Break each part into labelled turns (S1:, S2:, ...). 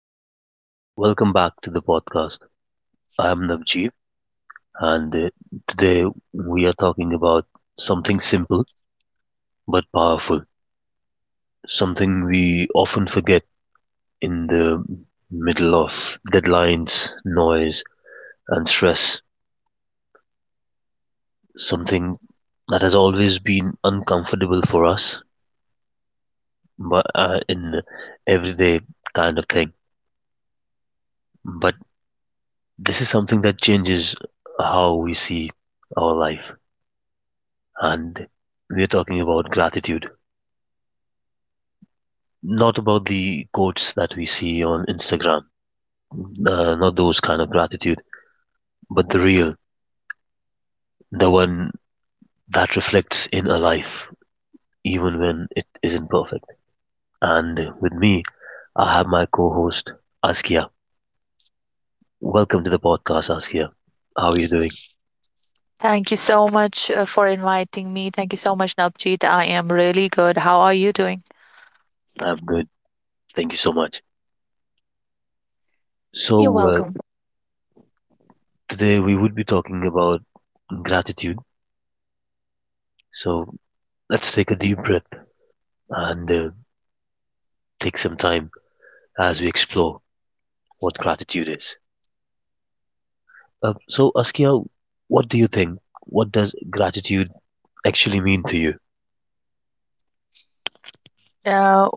S1: everyone. Welcome back to the podcast. I am Navjeev, and today we are talking about something simple but powerful, something we often forget in the middle of deadlines, noise, and stress, something that has always been uncomfortable for us but in everyday kind of thing. But this is something that changes how we see our life, and we are talking about gratitude. Not about the quotes that we see on Instagram, not those kind of gratitude, but the real, the one that reflects in a life, even when it isn't perfect. And with me, I have my co host, Askia. Welcome to the podcast, Askia. How are you doing?
S2: Thank you so much for inviting me. Thank you so much, Navjeet. I am really good. How are you doing?
S1: I'm good. Thank you so much.
S2: You're
S1: So,
S2: welcome.
S1: today we would be talking about gratitude. So, let's take a deep breath and take some time as we explore what gratitude is. So, Askia, what do you think? What does gratitude actually mean to you?
S2: Uh,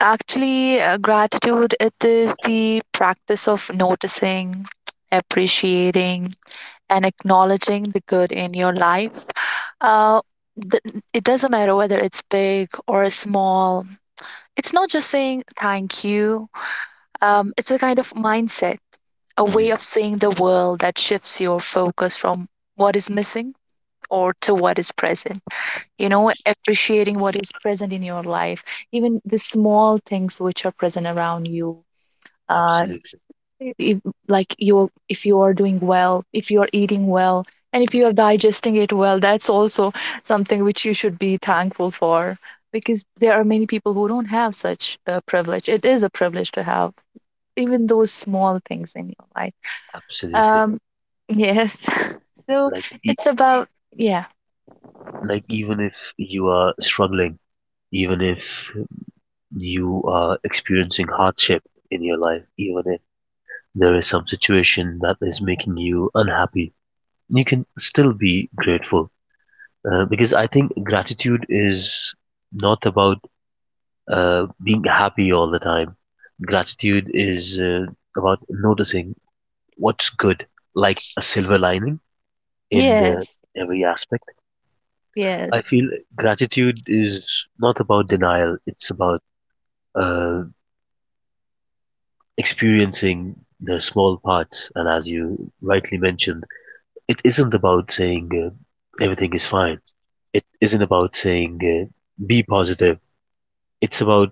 S2: actually, gratitude it is the practice of noticing, appreciating, and acknowledging the good in your life. Uh, th- it doesn't matter whether it's big or small. It's not just saying thank you. It's a kind of mindset, a way
S1: Hmm.
S2: of seeing the world that shifts your focus from what is missing or to what is present, you know, appreciating what is present in your life, even the small things which are present around you. Uh
S1: Absolutely,
S2: if, Like, you if you are doing well, if you are eating well and if you are digesting it well, that's also something which you should be thankful for, because there are many people who don't have such a privilege. It is a privilege to have even those small things in your life.
S1: absolutely.
S2: um yes. So
S1: Like, e-
S2: it's about, yeah,
S1: like even if you are struggling, even if you are experiencing hardship in your life, even if there is some situation that is making you unhappy, you can still be grateful. Because I think gratitude is not about being happy all the time. Gratitude is about noticing what's good, like a silver lining in
S2: yes.
S1: every aspect. I
S2: Yes.
S1: feel gratitude is not about denial, it's about uh, experiencing the small parts. And as you rightly mentioned, it isn't about saying everything is fine, it isn't about saying be positive, it's about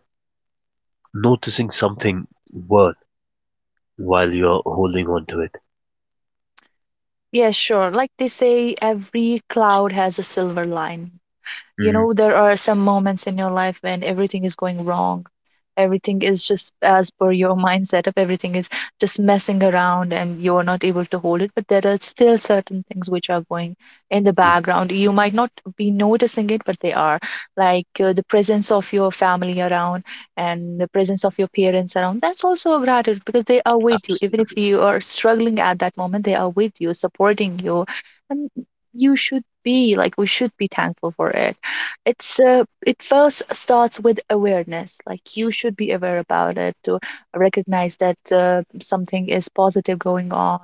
S1: noticing something worth while you're holding on to it.
S2: Yes, sure. Like they say, every cloud has a silver line. You
S1: Hmm.
S2: know, there are some moments in your life when everything is going wrong. Everything is just as per your mind setup, everything is just messing around and you're not able to hold it. But there are still certain things which are going in the background. You might not be noticing it, but they are like the presence of your family around and the presence of your parents around. That's also a gratitude because they are with you. Even if
S1: Absolutely,
S2: you are struggling at that moment, they are with you, supporting you. And you should be like, we should be thankful for it. It first starts with awareness. Like, you should be aware about it to recognize that something is positive going on,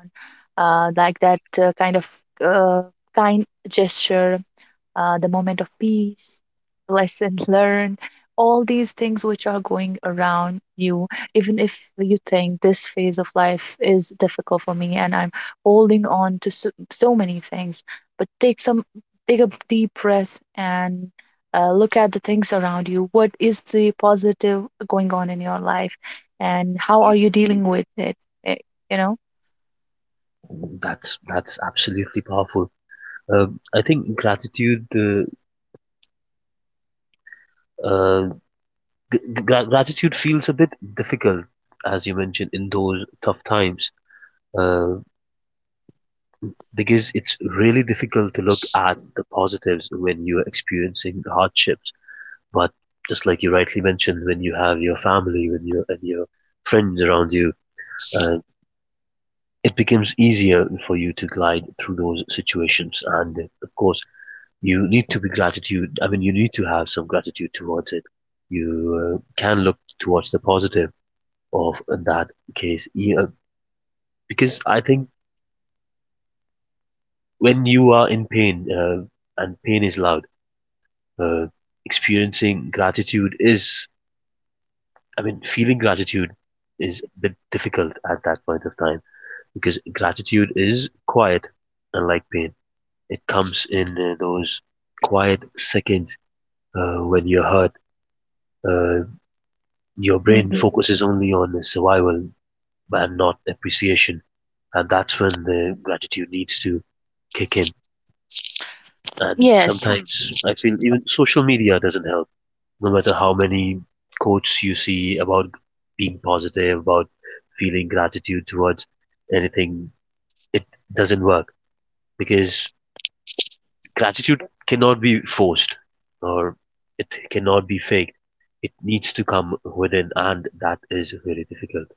S2: like that kind of uh, kind gesture, the moment of peace, lesson learned, all these things which are going around you. Even if you think this phase of life is difficult for me and I'm holding on to so many things, but take a deep breath and look at the things around you. What is the positive going on in your life, and how are you dealing with it? eh, You know.
S1: that's absolutely powerful. Uh, I think gratitude uh, g- gra- gratitude feels a bit difficult, as you mentioned, in those tough times, uh, because it's really difficult to look at the positives when you're experiencing hardships. But just like you rightly mentioned, when you have your family, when you and your friends around you, uh, it becomes easier for you to glide through those situations. And of course, you need to be gratitude. I mean, you need to have some gratitude towards it. You can look towards the positive of that case, you know, because I think when you are in pain and pain is loud, uh, experiencing gratitude is. I mean, feeling gratitude is a bit difficult at that point of time because gratitude is quiet, unlike pain. It comes in those quiet seconds when you're hurt. Uh, your brain
S2: Mhm.
S1: focuses only on survival and not appreciation. And that's when the gratitude needs to kick in. And
S2: Yes.
S1: sometimes I feel even social media doesn't help. No matter how many quotes you see about being positive, about feeling gratitude towards anything, it doesn't work because gratitude cannot be forced or it cannot be faked. It needs to come within, and that is very difficult.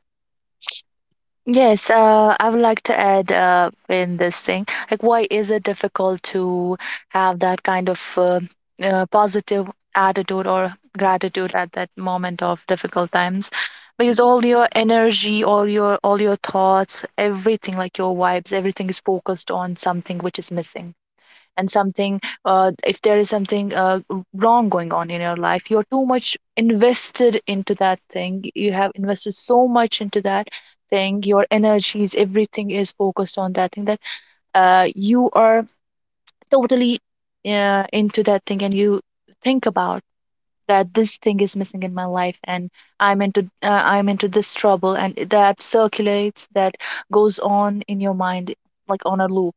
S2: Yes, I would like to add in this thing, like why is it difficult to have that kind of positive attitude or gratitude at that moment of difficult times? Because all your energy, all your thoughts, everything, like your vibes, everything is focused on something which is missing. And something, if there is something wrong going on in your life, you're too much invested into that thing. You have invested so much into that thing. Your energies, everything is focused on that thing, that you are totally into that thing, and you think about that this thing is missing in my life, and I'm into this trouble, and that circulates, that goes on in your mind like on a loop.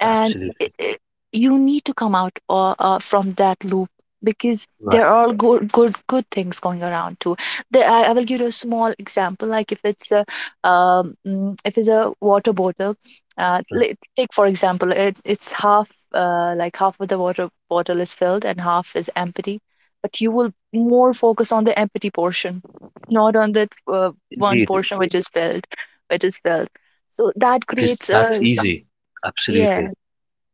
S2: And
S1: Absolutely
S2: you need to come out from that loop, because there
S1: right.
S2: are good things going around too. I will give you a small example. Like, if it's a if it's a water bottle, take for example it's half, like half of the water bottle is filled and half is empty, but you will more focus on the empty portion, not on that one
S1: Indeed,
S2: portion which is filled, which is filled so that
S1: because
S2: creates
S1: that's
S2: a,
S1: easy.
S2: yeah.
S1: Absolutely.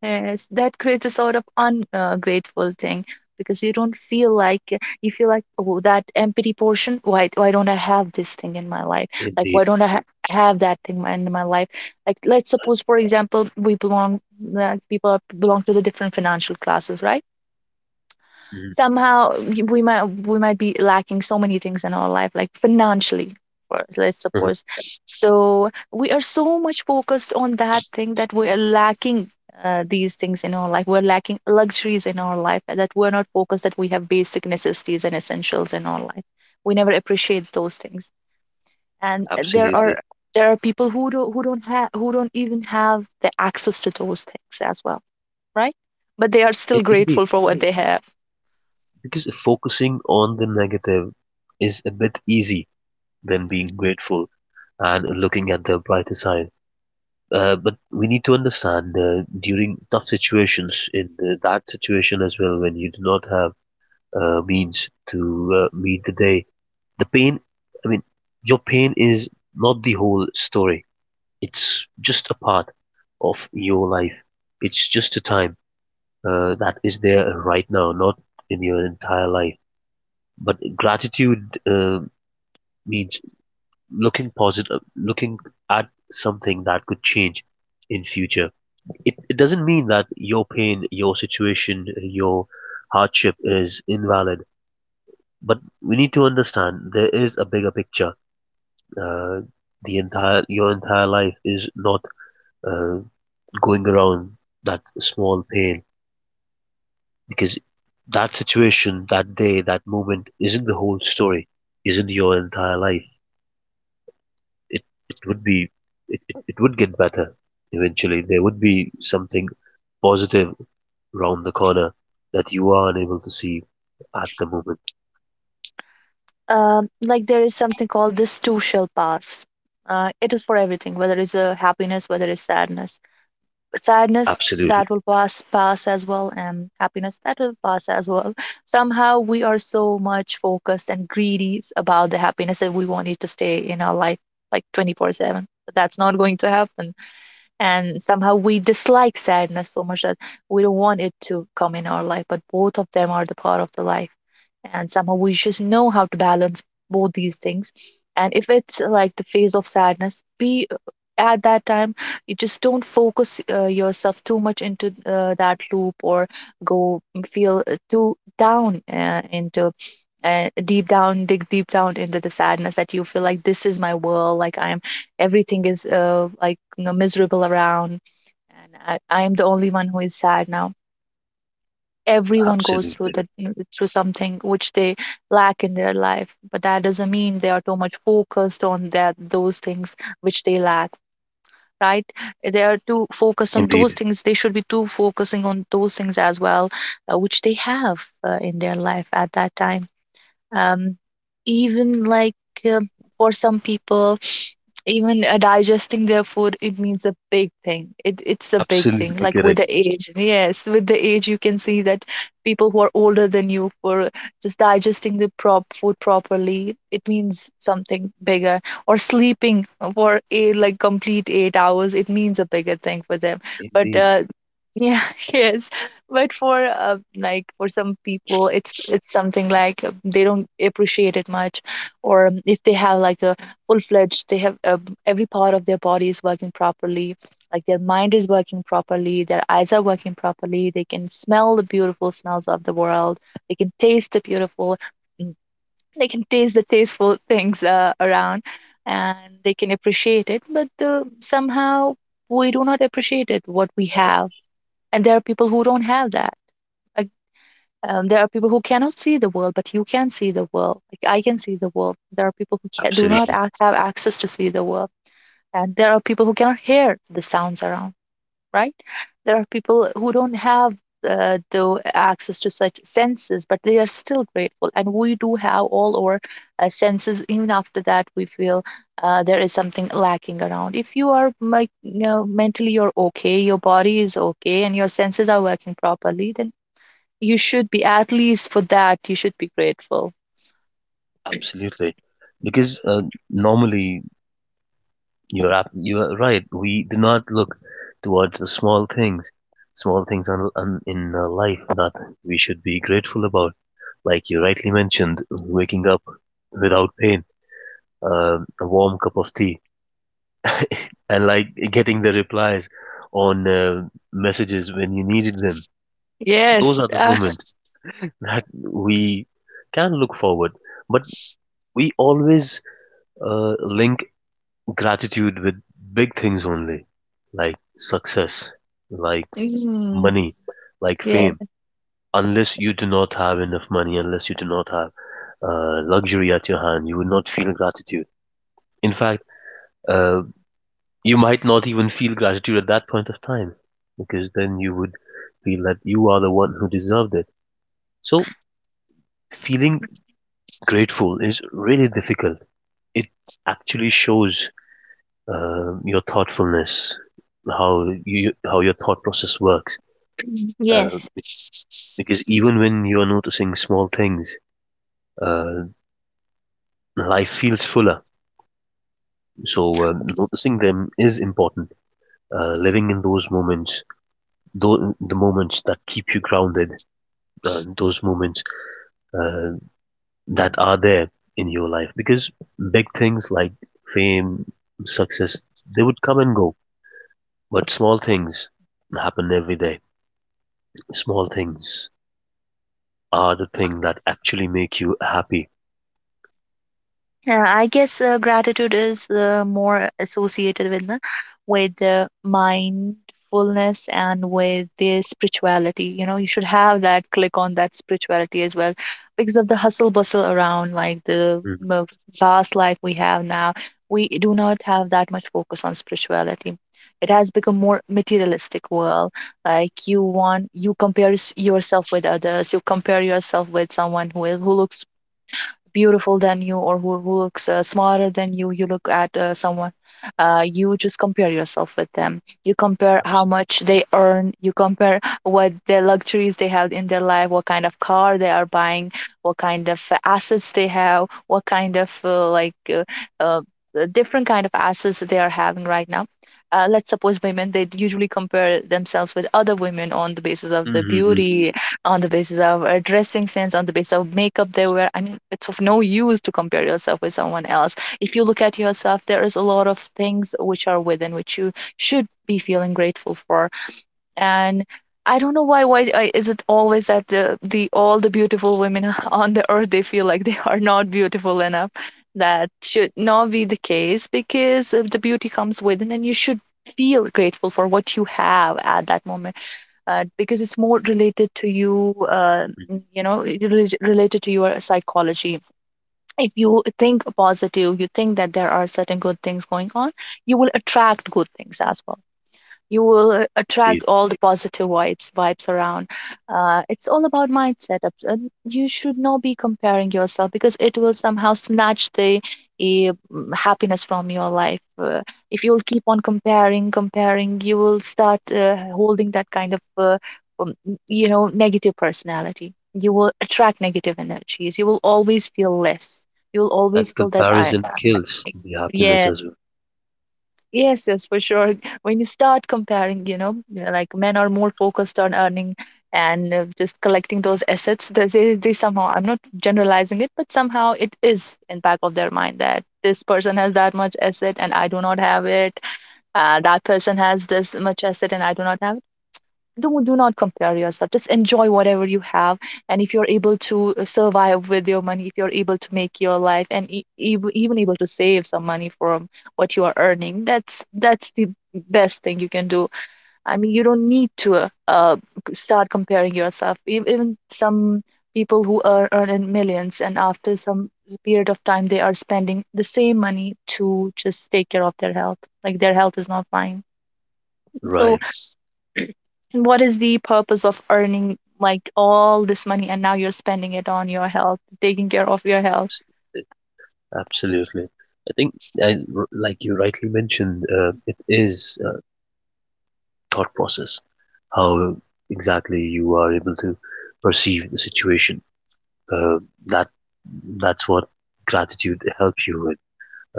S2: Yes, that creates a sort of ungrateful thing, because you don't feel like, you feel like, oh, that empty portion. Why don't I have this thing in my life? Like,
S1: Indeed.
S2: why don't I ha have that thing in my life? Like, let's suppose, for example, we belong, belong to the different financial classes, right?
S1: Mhm.
S2: We might be lacking so many things in our life, like financially, for us, let's suppose. So we are so much focused on that thing that we are lacking these things in our life, we're lacking luxuries in our life, and that we're not focused that we have basic necessities and essentials in our life. We never appreciate those things. And there
S1: Absolutely.
S2: are, there are people who don't even have the access to those things as well, right? But they are
S1: In-
S2: still
S1: Indeed.
S2: grateful for what, right, they have.
S1: Because focusing on the negative is a bit easy than being grateful and looking at the brighter side. But we need to understand during tough situations, in the, that situation as well, when you do not have means to meet the day, the pain, I mean, your pain is not the whole story. It's just a part of your life. It's just a time that is there right now, not in your entire life. But gratitude means looking positive, looking at something that could change in future. It doesn't mean that your pain, your situation, your hardship is invalid. But we need to understand there is a bigger picture. Uh, the entire your entire life is not uh, going around that small pain because that situation, that day, that moment isn't the whole story, isn't your entire life. It it would be it would get better eventually. There would be something positive round the corner that you are unable to see at the moment.
S2: Like, there is something called this too shall pass. It is for everything, whether it's a happiness, whether it's sadness. But sadness,
S1: Absolutely.
S2: that will pass, as well, and happiness, that will pass as well. Somehow we are so much focused and greedy about the happiness that we want it to stay in our life like 24/7. But that's not going to happen. And somehow we dislike sadness so much that we don't want it to come in our life, but both of them are the part of the life. And somehow we just know how to balance both these things. And if it's like the phase of sadness be, at that time you just don't focus yourself too much into that loop, or go feel too down into and deep down dig deep down into the sadness, that you feel like this is my world, like I'm everything is, like, you know, miserable around, and I am the only one who is sad now. Everyone goes through
S1: Absolutely.
S2: the, through something which they lack in their life, but that doesn't mean they are too much focused on that, those things which they lack, right? They are too focused on those
S1: Indeed.
S2: things. They should be too focusing on those things as well, which they have in their life at that time. um, Even like, uh, for some people, even digesting their food, it means a big thing. It's a big thing.
S1: Absolutely
S2: Like, with
S1: correct.
S2: the age, yes, with the age, you can see that people who are older than you, for just digesting the prop food properly, it means something bigger. Or sleeping for a like complete 8 hours, it means a bigger thing for them. But
S1: Indeed.
S2: Yeah. Yes. But for like, for some people, it's something like, they don't appreciate it much. Or if they have like a full-fledged, they have every part of their body is working properly, like their mind is working properly, their eyes are working properly, they can smell the beautiful smells of the world, they can taste the beautiful, mm, they can taste the tasteful things around, and they can appreciate it. But somehow we do not appreciate it what we have. And there are people who don't have that. There are people who cannot see the world, but you can see the world. Like, I can see the world. There are people who do not
S1: Absolutely.
S2: have access to see the world, and there are people who cannot hear the sounds around. Right? There are people who don't have the access to such senses, but they are still grateful. And we do have all our senses. Even after that, we feel there is something lacking around. If you are, like, you know, mentally you're okay, your body is okay, and your senses are working properly, then you should be, at least for that you should be grateful.
S1: Absolutely. Because normally you're right. We do not look towards the small things in life that we should be grateful about. Like you rightly mentioned, waking up without pain, a warm cup of tea, and like getting the replies on messages when you needed them. Those
S2: yes
S1: are the
S2: uh,
S1: moments that we can look forward. But we always link gratitude with big things only, like success, like
S2: mm,
S1: money, like
S2: yes.
S1: fame. Unless you do not have enough money, unless you do not have luxury at your hand, you will not feel gratitude. In fact, uh, you might not even feel gratitude at that point of time, because then you would feel that you are the one who deserved it. So, feeling grateful is really difficult. It actually shows your thoughtfulness, how you how your thought process works. Uh,
S2: Yes.
S1: because even when you are noticing small things, uh, life feels fuller. So, noticing them is important. Living in those moments, the moments that keep you grounded, those moments uh, that are there in your life, because big things like fame, success, they would come and go, but small things happen every day. Small things are the thing that actually make you happy.
S2: Yeah, I guess gratitude is more associated with the mindfulness and with the spirituality. You know, you should have that click on that spirituality as well, because of the hustle bustle around, like the
S1: Mm-hmm.
S2: fast life we have now. We do not have that much focus on spirituality. It has become more materialistic world. Like, you want, you compare yourself with others. You compare yourself with someone who is, who looks beautiful than you, or who looks smarter than you. You look at someone, you just compare yourself with them. You compare how
S1: Absolutely.
S2: much they earn, you compare what the luxuries they have in their life, what kind of car they are buying, what kind of assets they have, what kind of uh, different kind of assets that they are having right now. Let's suppose women, they usually compare themselves with other women on the basis of the
S1: Mm-hmm.
S2: beauty, on the basis of a dressing sense, on the basis of makeup they wear. I mean, it's of no use to compare yourself with someone else. If you look at yourself, there is a lot of things which are within which you should be feeling grateful for. And I don't know why. Is it always that the all the beautiful women on the earth they feel like they are not beautiful enough? That should not be the case because the beauty comes within, and you should feel grateful for what you have at that moment, because it's more related to you. Related to your psychology, if you think positive, you think that there are certain good things going on, you will attract good things as well. You will attract
S1: Indeed.
S2: all the positive vibes around. It's all about mindset. And you should not be comparing yourself because it will somehow snatch the happiness from your life. If you'll keep on comparing you will start holding that kind of um, negative personality. You will attract negative energies, you will always feel less, you'll
S1: And
S2: always feel that
S1: comparison kills the happiness
S2: yeah.
S1: as well.
S2: Yes, yes, for sure. When you start comparing, yeah, like men are more focused on earning and just collecting those assets. They somehow, I'm not generalizing it, but somehow it is in back of their mind that this person has that much asset and I do not have it. That person has this much asset and I do not have it. Do not compare yourself, just enjoy whatever you have. And if you're able to survive with your money, if you're able to make your life, even able to save some money from what you are earning, that's the best thing you can do. I mean, you don't need to start comparing yourself. Even some people who are earning millions, and after some period of time they are spending the same money to just take care of their health, like their health is not fine. So
S1: Right.
S2: what is the purpose of earning like all this money and now you're spending it on your health, taking care of your health?
S1: Absolutely. I think, I, r- Like you rightly mentioned, it is a thought process, how exactly you are able to perceive the situation. Uh, that that's what gratitude helps you with,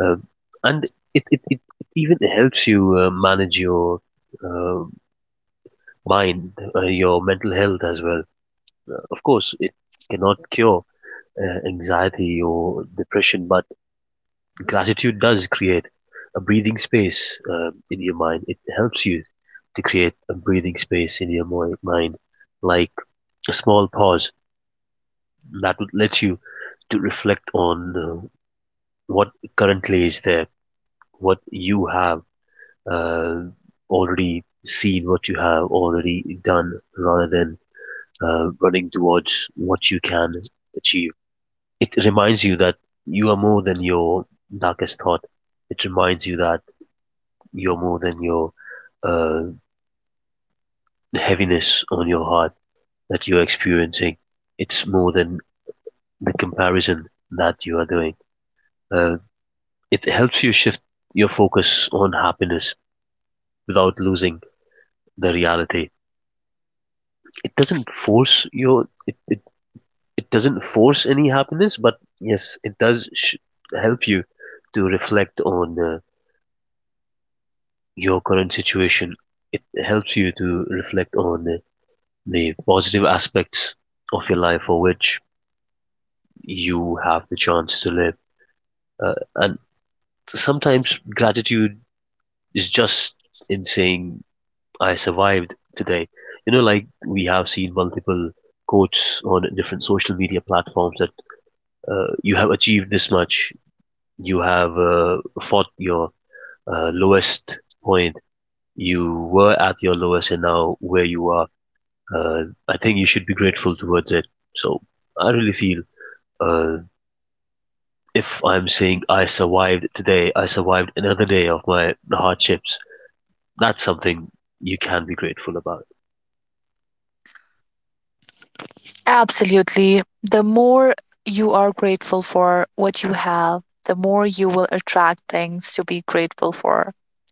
S1: uh, and it even helps you manage your uh, mind, your mental health as well. Of course, it cannot cure anxiety or depression, but gratitude does create a breathing space in your mind. It helps you to create a breathing space in your mind, like a small pause that lets you to reflect on what currently is there, what you have uh, already seen, what you have already done, rather than running towards what you can achieve. It reminds you that you are more than your darkest thought. It reminds you that you're more than your uh, heaviness on your heart that you're experiencing. It's more than the comparison that you are doing. Uh, it helps you shift your focus on happiness without losing the reality. It doesn't force your it it, it doesn't force any happiness, but yes, it does help you to reflect on your current situation. It helps you to reflect on the positive aspects of your life for which you have the chance to live. And sometimes gratitude is just in saying, I survived today. You know, like we have seen multiple quotes on different social media platforms that you have achieved this much, you have fought your lowest point, you were at your lowest, and now where you are. I think you should be grateful towards it. So I really feel uh, if I'm saying I survived today, I survived another day of my hardships. That's something you can be grateful about.
S2: Absolutely. The more you are grateful for what you have, the more you will attract things to be grateful for.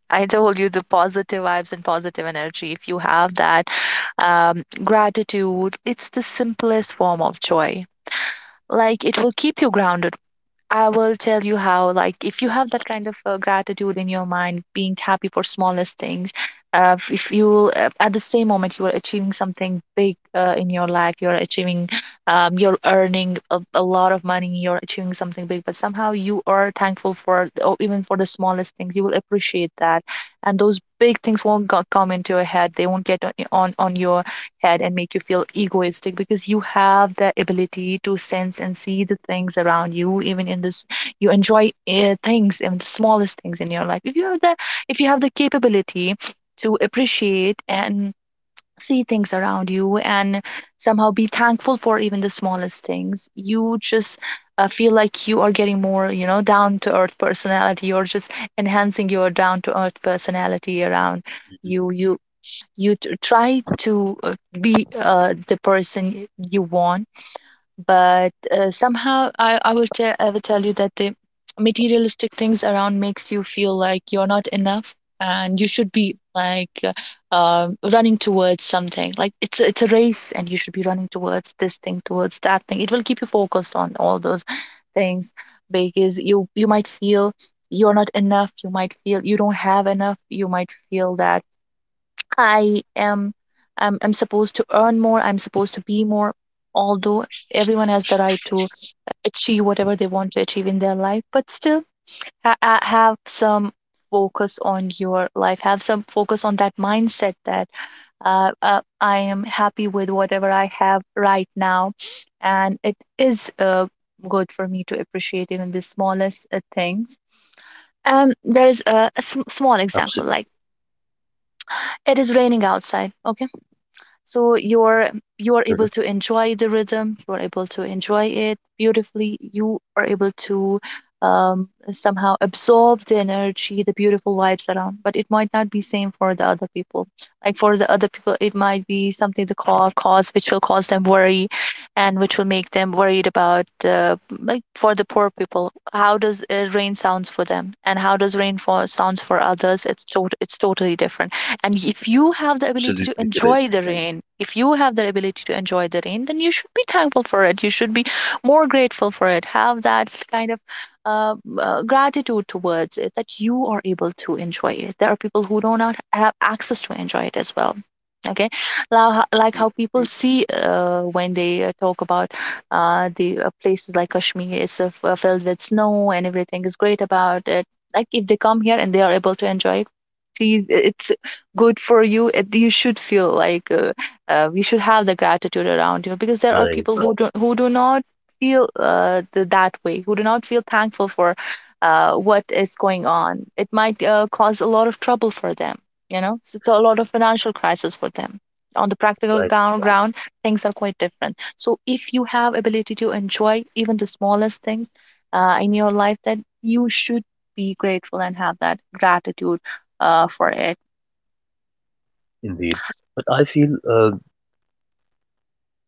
S2: I told you, the positive vibes and positive energy. If you have that gratitude, it's the simplest form of joy. Like, it will keep you grounded. I will tell you how. Like, if you have that kind of gratitude in your mind, being happy for smallest things, if you will, at the same moment, you are achieving something big in your life, you're achieving, you're earning a lot of money, you're achieving something big, but somehow you are thankful for, or even for the smallest things, you will appreciate that. And those big things won't go- come into your head, they won't get on your head and make you feel egoistic because you have the ability to sense and see the things around you even in this, you enjoy things, even the smallest things in your life. If you have the, if you have the capability to appreciate and see things around you and somehow be thankful for even the smallest things, you just feel like you are getting more, down to earth personality, or just enhancing your down to earth personality around you you try to be the person you want. But somehow I will tell, I will tell you that the materialistic things around makes you feel like you're not enough, and you should be like running towards something. Like it's a race, and you should be running towards this thing, towards that thing. It will keep you focused on all those things, because you might feel you're not enough, you might feel you don't have enough, you might feel that I am, I'm supposed to earn more, I'm supposed to be more. Although everyone has the right to achieve whatever they want to achieve in their life, but still have some focus on your life, have some focus on that mindset that I am happy with whatever I have right now, and it is good for me to appreciate even the smallest things. And there's a small example,
S1: Absolutely.
S2: like it is raining outside, okay? So you're, you are
S1: Mhm.
S2: able to enjoy the rhythm, you are able to enjoy it beautifully, you are able to somehow absorb the energy, the beautiful vibes around. But it might not be same for the other people. Like for the other people, it might be something, the cause which will cause them worry, and which will make them worried about, like for the poor people, how does rain sounds for them and how does rain fall sounds for others. It's totally different. And if you have the ability to
S1: Absolutely correct.
S2: enjoy the rain, if you have the ability to enjoy the rain, then you should be thankful for it. You should be more grateful for it. Have that kind of uh, gratitude towards it, that you are able to enjoy it. There are people who do not have access to enjoy it as well. Okay. Now, like how people see when they talk about, the places like Kashmir is filled with snow and everything is great about it. Like if they come here and they are able to enjoy it, please, it good for you. It, you should feel like we should have the gratitude around you, because there are
S1: Right,
S2: people who do not feel that way, who do not feel thankful for what is going on. It might cause a lot of trouble for them, you know, so it's a lot of financial crisis for them. On the practical
S1: right,
S2: ground, things are quite different. So if you have ability to enjoy even the smallest things in your life, then you should be grateful and have that gratitude for it.
S1: indeed. But I feel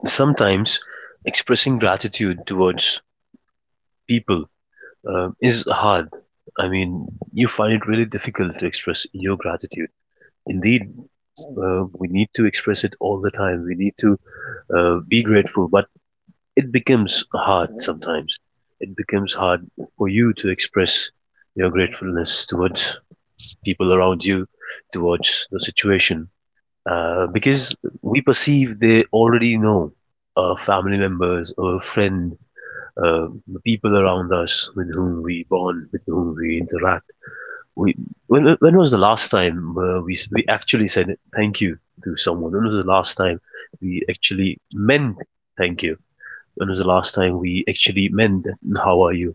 S1: sometimes expressing gratitude towards people is hard. I mean, you find it really difficult to express your gratitude. Indeed, we need to express it all the time. We need to be grateful, but it becomes hard sometimes. It becomes hard for you to express your gratefulness towards people around you, towards the situation, because we perceive they already know our family members, our friend, the people around us with whom we bond, with whom we interact. We, when was the last time we actually said thank you to someone? When was the last time we actually meant thank you? When was the last time we actually meant how are you?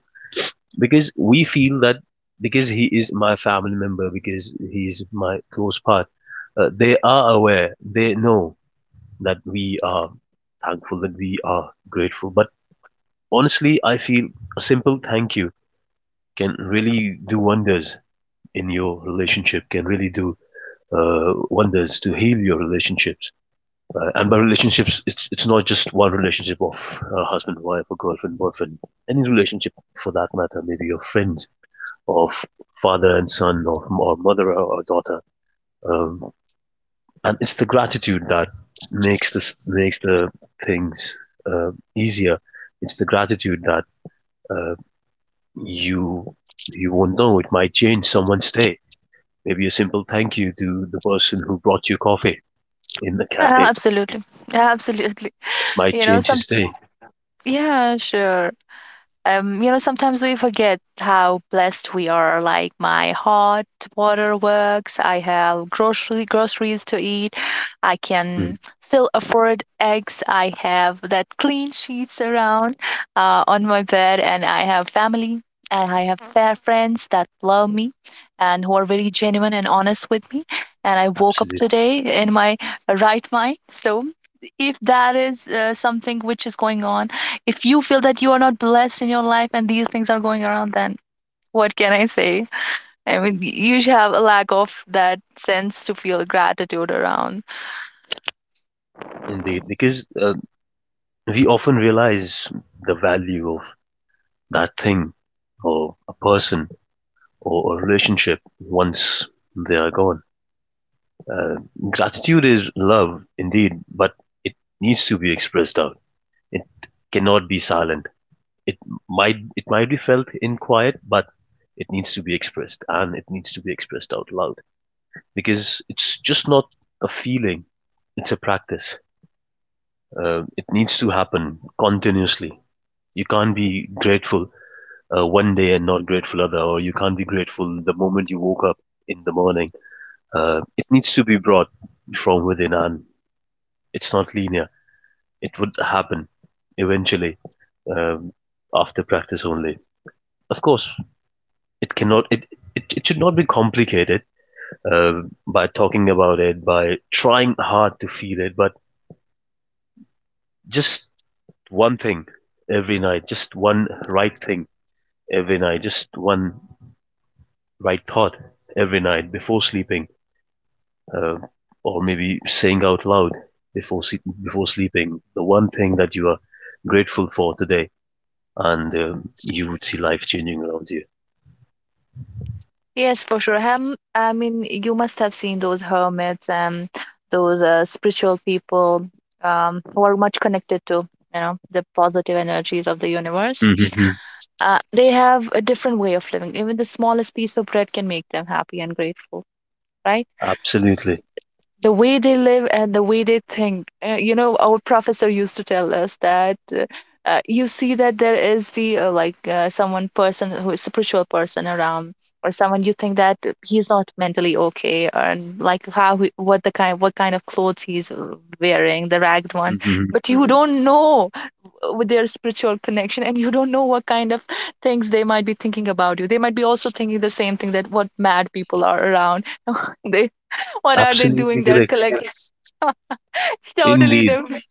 S1: Because we feel that because he is my family member, because he is my close part, they are aware, they know that we are thankful, that we are grateful, but honestly I feel a simple thank you can really do wonders in your relationship, can really do uh, wonders to heal your relationships. And by relationships, it's not just one relationship of husband, wife, or girlfriend, boyfriend. Any relationship for that matter, maybe your friends, of father and son, or mother or daughter. Um, and it's the gratitude that makes this makes the things uh, easier. It's the gratitude that uh, you you won't know. It might change someone's day. Maybe a simple thank you to the person who brought you coffee in the cafe
S2: Absolutely. Yeah, absolutely.
S1: might
S2: You know,
S1: change
S2: some.
S1: his
S2: Yeah.
S1: day.
S2: Yeah, sure. Sometimes we forget how blessed we are. Like, my hot water works. I have grocery groceries to eat. I
S1: Mm-hmm.
S2: can still afford eggs. I have that clean sheets around, on my bed, and I have family. And I have fair friends that love me, and who are very genuine and honest with me. And I woke up
S1: Absolutely.
S2: today in my right mind. So, if that is something which is going on, if you feel that you are not blessed in your life and these things are going around, then what can I say? I mean, you should have a lack of that sense to feel gratitude around.
S1: Indeed, because we often realize the value of that thing or a person or a relationship once they are gone. Uh, Gratitude is love, indeed, but it needs to be expressed out. It cannot be silent. It it might be felt in quiet, but it needs to be expressed and it needs to be expressed out loud because it's just not a feeling. It's a practice. It needs to happen continuously. You can't be grateful one day and not grateful other, or you can't be grateful the moment you woke up in the morning. It needs to be brought from within, and it's not linear. It would happen eventually um, after practice only. Of course, it cannot. It should not be complicated by talking about it, by trying hard to feel it, but just one thing every night, just one right thing every night, just one right thought every night before sleeping, uh, or maybe saying out loud before before sleeping the one thing that you are grateful for today, and you would see life changing around you.
S2: Yes, for sure. Hem, I mean, you must have seen those hermits and those spiritual people, who are much connected to, the positive energies of the universe.
S1: Mm-hmm.
S2: They have a different way of living. Even the smallest piece of bread can make them happy and grateful, right?
S1: Absolutely.
S2: The way they live and the way they think. You know, our professor used to tell us that you see that there is the like someone, person who is spiritual person around, or someone you think that he's not mentally okay, or like how he, what kind of clothes he's wearing, the ragged one,
S1: Mm-hmm.
S2: but you hmm don't know, with their spiritual connection, and you don't know what kind of things they might be thinking about you. They might be also thinking the same thing, that what mad people are around. They, what are they
S1: Absolutely
S2: doing there
S1: correct.
S2: collecting? It's totally
S1: Indeed,
S2: different.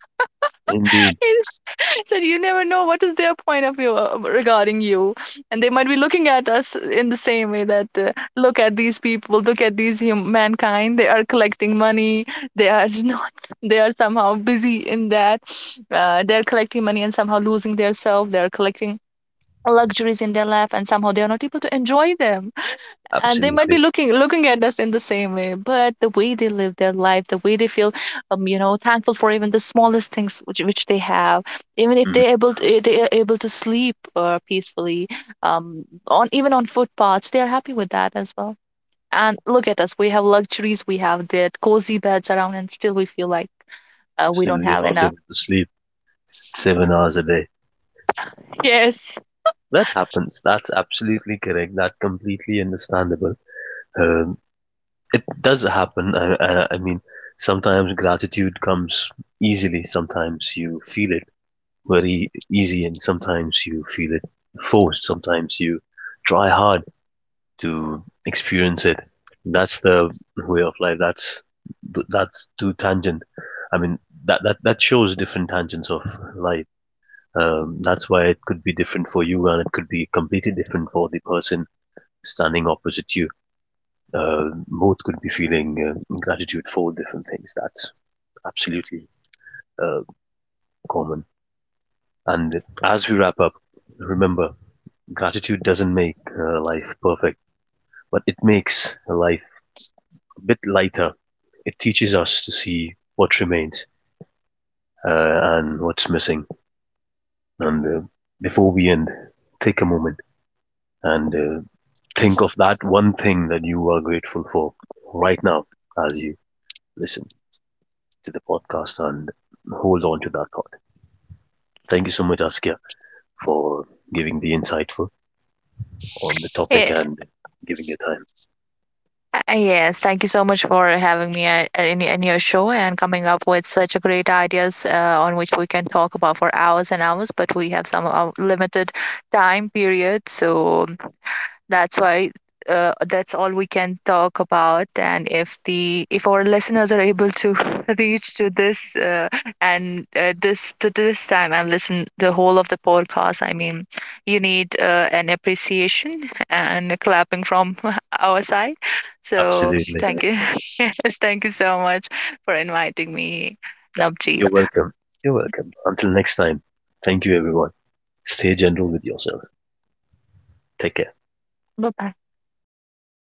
S1: indeed,
S2: So you never know what is their point of view regarding you. And they might be looking at us in the same way, that look at these people, look at these mankind. They are collecting money. They are not, they are somehow busy in that. They're collecting money and somehow losing their self. They're collecting luxuries in their life and somehow they are not able to enjoy them. And they might be
S1: absolutely.
S2: looking at us in the same way. But the way they live their life, the way they feel, thankful for even the smallest things which they have, even if
S1: Mm-hmm.
S2: they able to, they are able to sleep peacefully, on even on footpaths, they are happy with that as well. And look at us, we have luxuries, we have the cozy beds around, and still we feel like we
S1: Still,
S2: don't
S1: you're
S2: have
S1: not
S2: enough.
S1: able to sleep 7 hours a day.
S2: Yes.
S1: That happens. That's absolutely correct. That completely understandable. Um, it does happen. I mean, sometimes gratitude comes easily. Sometimes you feel it very easy, and sometimes you feel it forced. Sometimes you try hard to experience it. That's the way of life. That's too tangent. I mean, that shows different tangents of life. That's why it could be different for you, and it could be completely different for the person standing opposite you. Both could be feeling gratitude for different things. That's absolutely uh, common. And as we wrap up, remember gratitude doesn't make life perfect, but it makes life a bit lighter. It teaches us to see what remains and what's missing. And before we end, take a moment and think of that one thing that you are grateful for right now as you listen to the podcast and hold on to that thought. Thank you so much, Askia, for giving the insightful on the topic and giving your time.
S2: Yes, thank you so much for having me at, in your show, and coming up with such a great ideas on which we can talk about for hours and hours, but we have some limited time period. So that's why that's all we can talk about. And if the if our listeners are able to reach to this and this to this time and listen the whole of the podcast, I mean, you need an appreciation and a clapping from our side. So
S1: Absolutely.
S2: thank you. Yes, thank you so much for inviting me, Navjeet.
S1: You're welcome. You're welcome. Until next time, thank you, everyone. Stay gentle with yourself. Take care.
S2: Bye bye.